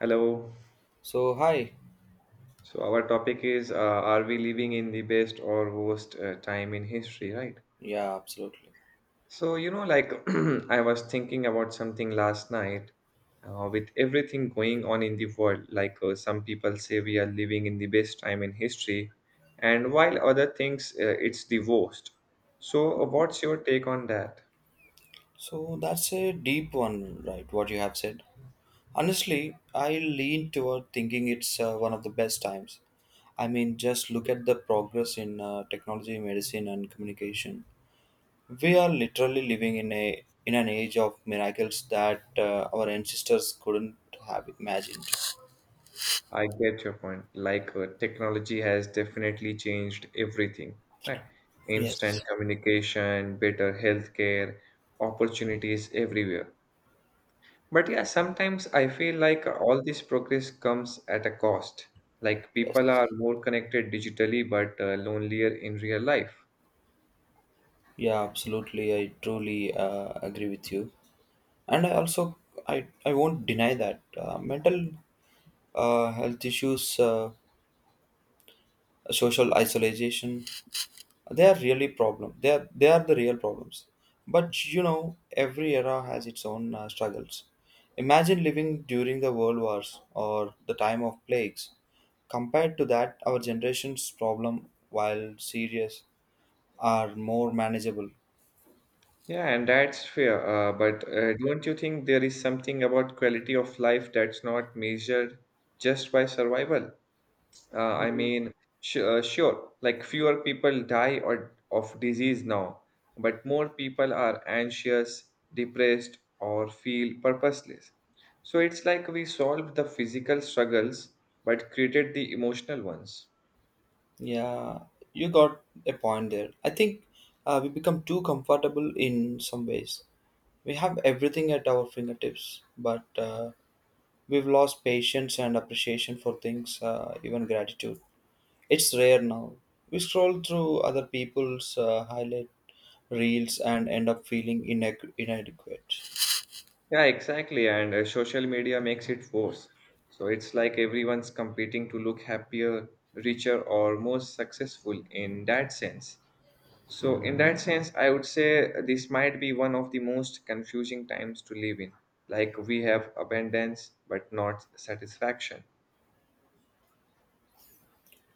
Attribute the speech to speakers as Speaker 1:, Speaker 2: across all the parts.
Speaker 1: Hello.
Speaker 2: So, hi.
Speaker 1: So our topic is are we living in the best or worst time in history, right?
Speaker 2: Yeah, absolutely.
Speaker 1: So you know like I was thinking about something last night with everything going on in the world like some people say we are living in the best time in history and while other thinks it's the worst. So what's your take on that?
Speaker 2: So, that's a deep one, right? What you have said. Honestly, I lean toward thinking it's one of the best times. I mean, just look at the progress in technology, medicine, and communication. We are literally living in a in an age of miracles that our ancestors couldn't have imagined.
Speaker 1: I get your point. Like, technology has definitely changed everything, right? Instant
Speaker 2: Yes,
Speaker 1: communication, better healthcare, opportunities everywhere. But yeah, sometimes I feel like all this progress comes at a cost. Like,
Speaker 2: yes.
Speaker 1: people are more connected digitally but lonelier in real life.
Speaker 2: Yeah, absolutely. I truly agree with you, and I also I won't deny that mental health issues, social isolation, they are really problem. They are the real problems. But you know, every era has its own struggles. Imagine living during the world wars or the time of plagues. Compared to that, our generation's problem, while serious, are more manageable.
Speaker 1: Yeah, and that's fair. But don't you think there is something about quality of life that's not measured just by survival? I mean, sh sure, like fewer people die or of disease now, but more people are anxious, depressed, or feel purposeless. So it's like we solved the physical struggles but created the emotional ones.
Speaker 2: Yeah, you got a point there. I think we become too comfortable in some ways. We have everything at our fingertips, but we've lost patience and appreciation for things, even gratitude. It's rare now. We scroll through other people's highlight reels and end up feeling inadequate.
Speaker 1: Yeah, exactly. And social media makes it worse. So it's like everyone's competing to look happier, richer, or more successful in that sense. So, in that sense, I would say this might be one of the most confusing times to live in. Like, we have abundance, but not satisfaction.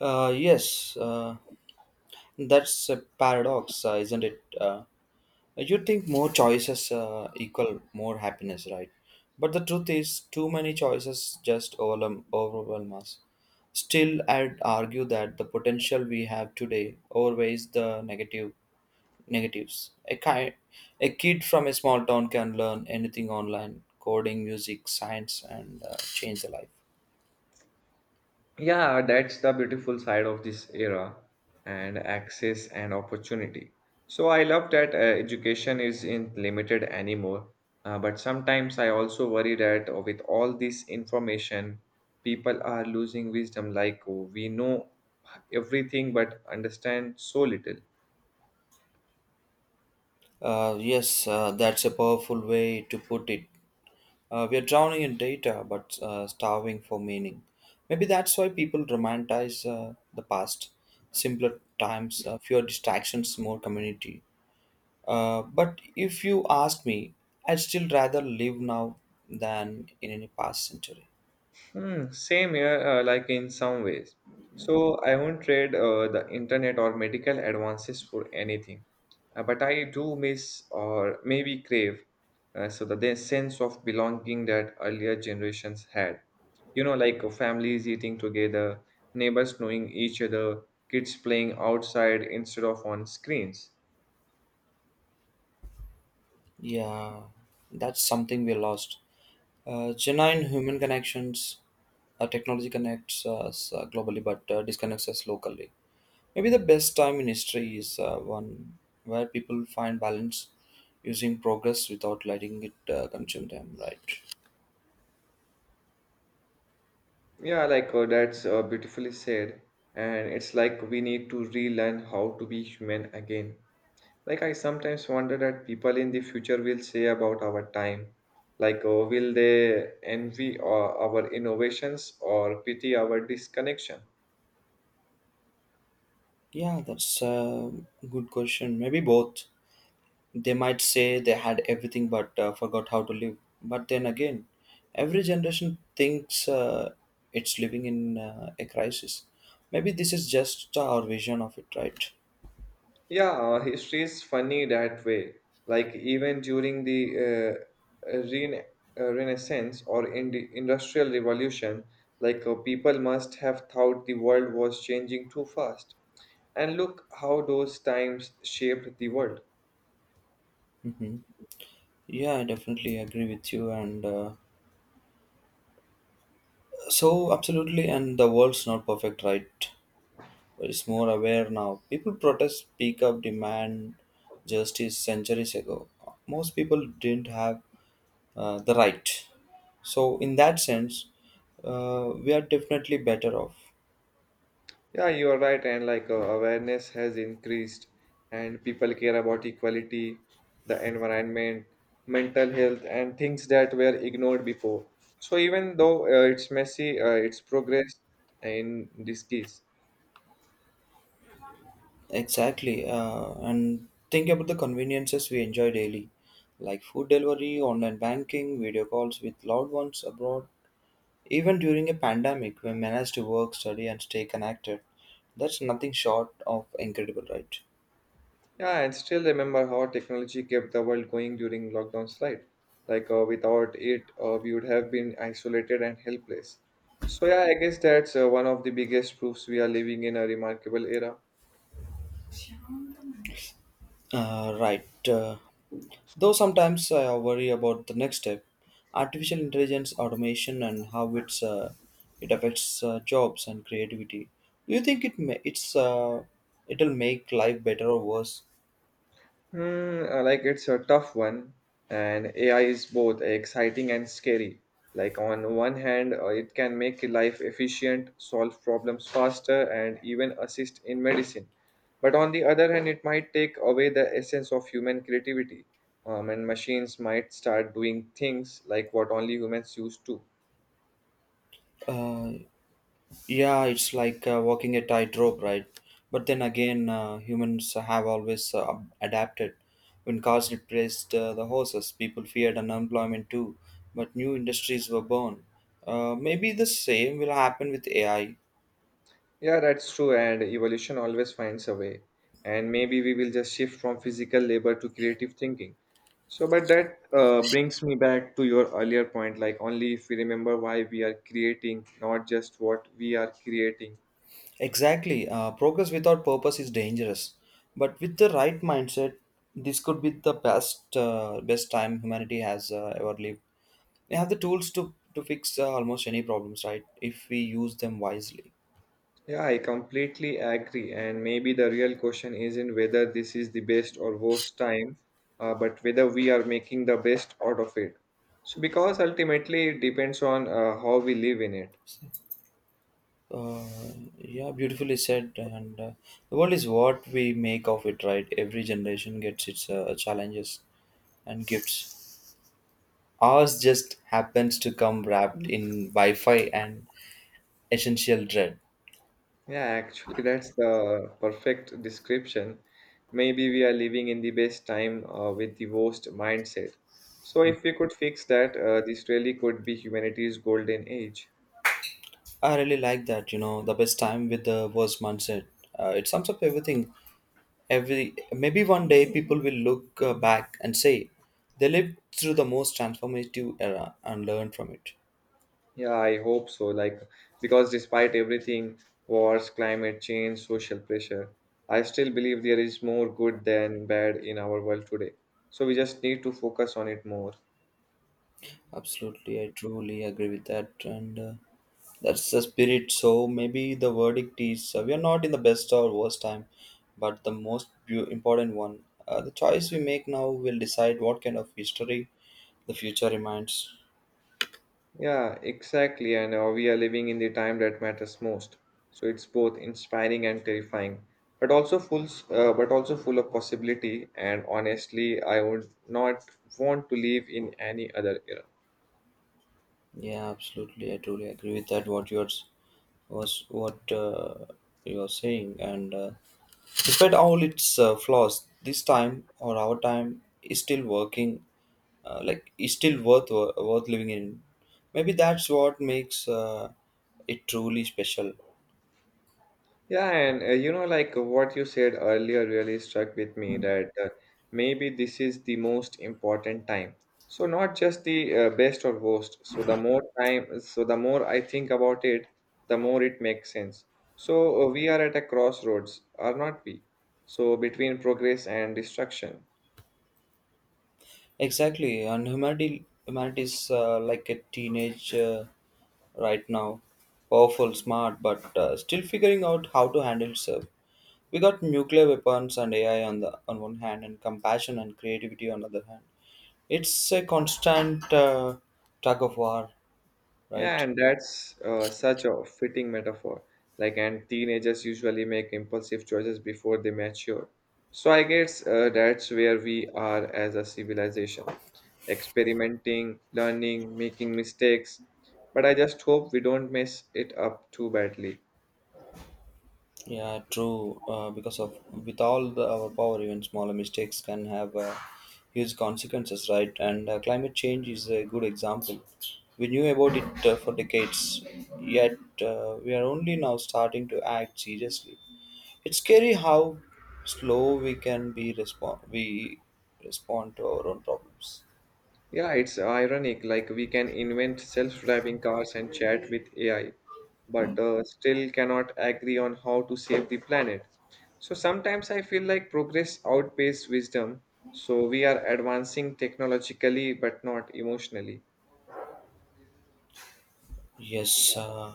Speaker 2: Yes, that's a paradox, isn't it? Like, you'd think more choices equal more happiness, right? But the truth is, too many choices just overwhelm us. Still, I'd argue that the potential we have today outweighs the negatives. A kid from a small town can learn anything online, coding, music, science, and change their life.
Speaker 1: Yeah, that's the beautiful side of this era and access and opportunity. So, I love that education is in limited anymore. But sometimes I also worry that with all this information, people are losing wisdom. Like, oh, we know everything but understand so little.
Speaker 2: Yes, that's a powerful way to put it. We are drowning in data but starving for meaning. Maybe that's why people romanticize the past. Simpler times, fewer distractions, more community. But if you ask me, I'd still rather live now than in any past century.
Speaker 1: Hmm, same here, like in some ways. So I won't trade the internet or medical advances for anything. But I do miss or maybe crave so that the sense of belonging that earlier generations had. You know, like families eating together, neighbors knowing each other, kids playing outside instead of on screens.
Speaker 2: Yeah, that's something we lost. Genuine human connections, technology connects us globally but disconnects us locally. Maybe the best time in history is one where people find balance using progress without letting it consume them, right?
Speaker 1: Yeah, like that's beautifully said. And it's like we need to relearn how to be human again. Like, I sometimes wonder that people in the future will say about our time. Like, will they envy our innovations or pity our disconnection?
Speaker 2: Yeah, that's a good question. Maybe both. They might say they had everything but forgot how to live. But then again, every generation thinks it's living in a crisis. Maybe this is just our vision of it, right?
Speaker 1: Yeah, history is funny that way. Like, even during the uh, rena- Renaissance or in the Industrial Revolution, like, people must have thought the world was changing too fast. And look how those times shaped the world.
Speaker 2: Hmm. Yeah, I definitely agree with you. And so, absolutely, and the world's not perfect, right? Is more aware now. People protest, speak up, demand justice centuries ago. Most people didn't have the right. So, in that sense, we are definitely better off.
Speaker 1: Yeah, you are right, and like awareness has increased, and people care about equality, the environment, mental health, and things that were ignored before. So even though it's messy, it's progress in this case.
Speaker 2: Exactly. And think about the conveniences we enjoy daily, like food delivery, online banking, video calls with loved ones abroad. Even during a pandemic, we managed to work, study, and stay connected. That's nothing short of incredible, right?
Speaker 1: Yeah, and still remember how technology kept the world going during lockdown slide. Like without it, we would have been isolated and helpless. So yeah, I guess that's one of the biggest proofs we are living in a remarkable era.
Speaker 2: Right. Though sometimes I worry about the next step, artificial intelligence, automation, and how it affects jobs and creativity. Do you think it may, it's it'll make life better or worse?
Speaker 1: Hmm, like it's a tough one, and AI is both exciting and scary. Like on one hand, it can make life efficient, solve problems faster, and even assist in medicine. But on the other hand, it might take away the essence of human creativity, and machines might start doing things like what only humans used to.
Speaker 2: Uh, Yeah, it's like walking a tightrope, right? But then again, humans have always adapted. When cars replaced the horses, people feared unemployment too, but new industries were born. Maybe the same will happen with AI.
Speaker 1: Yeah, that's true, and evolution always finds a way. And maybe we will just shift from physical labor to creative thinking. So, but that brings me back to your earlier point like, only if we remember why we are creating, not just what we are creating.
Speaker 2: Exactly. Progress without purpose is dangerous, but with the right mindset, this could be the best time humanity has ever lived. We have the tools to fix almost any problems, right? If we use them wisely.
Speaker 1: Yeah, I completely agree. And maybe the real question isn't whether this is the best or worst time, but whether we are making the best out of it. So, because ultimately it depends on how we live in it.
Speaker 2: Uh, yeah, beautifully said. And the world is what we make of it, right? Every generation gets its challenges and gifts. Ours just happens to come wrapped in Wi-Fi and essential dread.
Speaker 1: Yeah, actually, that's the perfect description. Maybe we are living in the best time with the worst mindset. So, if we could fix that, this really could be humanity's golden age.
Speaker 2: I really like that. You know, the best time with the worst mindset. It sums up everything. Every maybe one day people will look back and say they lived through the most transformative era and learn from it.
Speaker 1: Yeah, I hope so. Like, because despite everything, wars, climate change, social pressure, I still believe there is more good than bad in our world today. So, we just need to focus on it more.
Speaker 2: Absolutely, I truly agree with that, and that's the spirit. So maybe the verdict is we are not in the best or worst time, but the important one. The choice we make now will decide what kind of history the future reminds.
Speaker 1: Yeah, exactly. And we are living in the time that matters most. So it's both inspiring and terrifying, but also but also full of possibility. And honestly, I would not want to live in any other era.
Speaker 2: Yeah, absolutely. I truly agree with that. What you yours was what you are saying, and despite all its flaws, this time or our time is still working. Like is still worth living in. Maybe that's what makes it truly special.
Speaker 1: Yeah, and you know, like what you said earlier really struck with me that maybe this is the most important time. So not just the best or worst. So the more time, so the more I think about it, the more it makes sense. So we are at a crossroads, are not we? So between progress and destruction.
Speaker 2: Exactly, and humanity is like a teenage right now, powerful, smart, but still figuring out how to handle itself. We got nuclear weapons and AI on the on one hand, and compassion and creativity on the other hand. It's a constant tug of war,
Speaker 1: Yeah,
Speaker 2: right?
Speaker 1: and that's such a fitting metaphor. Like, and teenagers usually make impulsive choices before they mature. So I guess that's where we are as a civilization, experimenting, learning, making mistakes. But I just hope we don't mess it up too badly.
Speaker 2: Yeah, true. Because of with all the, our power, even smaller mistakes can have huge consequences, right? And climate change is a good example. We knew about it for decades, yet we are only now starting to act seriously. It's scary how slow we respond to our own problems.
Speaker 1: Yeah, it's ironic. Like we can invent self-driving cars and chat with AI, but still cannot agree on how to save the planet. So sometimes I feel like progress outpaces wisdom. So we are advancing technologically but not emotionally.
Speaker 2: Yes,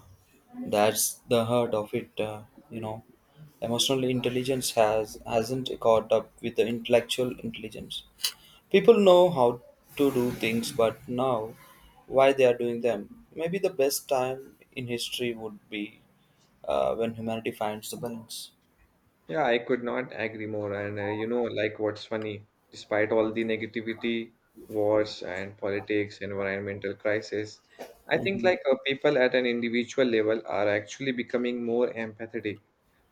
Speaker 2: that's the heart of it. You know, emotional intelligence hasn't caught up with the intellectual intelligence. People know how to do things, but now why they are doing them. Maybe the best time in history would be when humanity finds the balance.
Speaker 1: Yeah, I could not agree more. And you know, like what's funny, despite all the negativity, wars and politics, environmental crisis, I think
Speaker 2: Mhm.
Speaker 1: like people at an individual level are actually becoming more empathetic.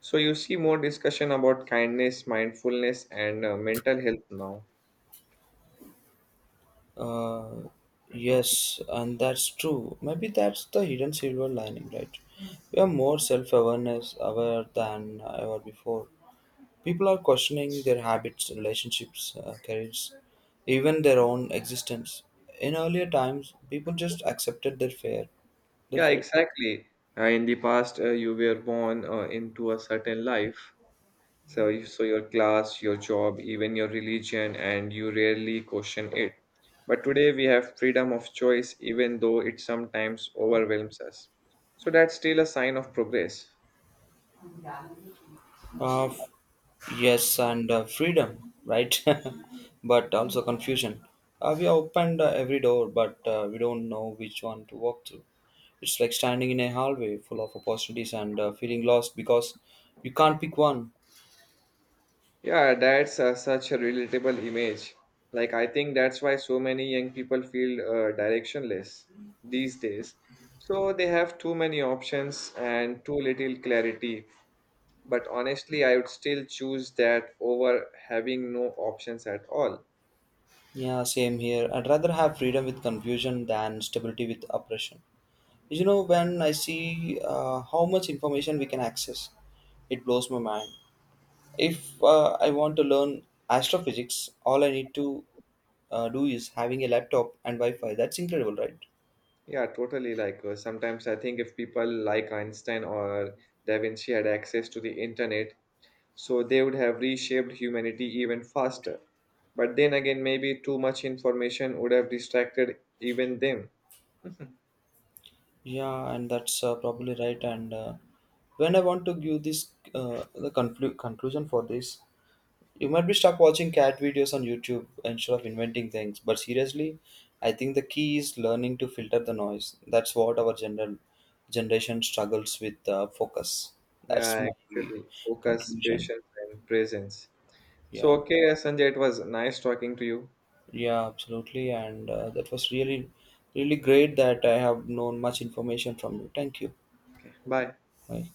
Speaker 1: So you see more discussion about kindness, mindfulness, and mental health now.
Speaker 2: Uh, yes, and that's true. Maybe that's the hidden silver lining, right? We are more self-awareness aware than ever before. People are questioning their habits, relationships, careers, even their own existence. In earlier times, people just accepted their fate. Their
Speaker 1: Yeah,
Speaker 2: fate.
Speaker 1: exactly. In the past, you were born into a certain life. So, you, so your class, your job, even your religion, and you rarely question it. But today we have freedom of choice, even though it sometimes overwhelms us. So that's still a sign of progress.
Speaker 2: Uh, yes, and freedom, right? But also confusion. We opened every door, but we don't know which one to walk through. It's like standing in a hallway full of opportunities and feeling lost because you can't pick one.
Speaker 1: Yeah, that's such a relatable image. Like, I think that's why so many young people feel directionless these days. So they have too many options and too little clarity. But honestly, I would still choose that over having no options at all.
Speaker 2: Yeah, same here. I'd rather have freedom with confusion than stability with oppression. You know, when I see how much information we can access, it blows my mind. If I want to learn astrophysics, all I need to do is having a laptop and Wi-Fi. That's incredible, right?
Speaker 1: Yeah, totally. Like sometimes I think if people like Einstein or Da Vinci had access to the internet, so they would have reshaped humanity even faster. But then again, maybe too much information would have distracted even them.
Speaker 2: Yeah, and that's probably right. And when I want to give this the conclusion for this, you might be stuck watching cat videos on YouTube instead of inventing things. But seriously, I think the key is learning to filter the noise. That's what our general generation struggles with focus. That's
Speaker 1: Yeah,
Speaker 2: my
Speaker 1: actually, focus,
Speaker 2: conclusion.
Speaker 1: patience, and presence. So,
Speaker 2: Yeah,
Speaker 1: okay, Sanjay, it was nice talking to you.
Speaker 2: yeah, absolutely. And that was really, really great that I have known much information from you. Thank you.
Speaker 1: Okay, bye.
Speaker 2: Hi.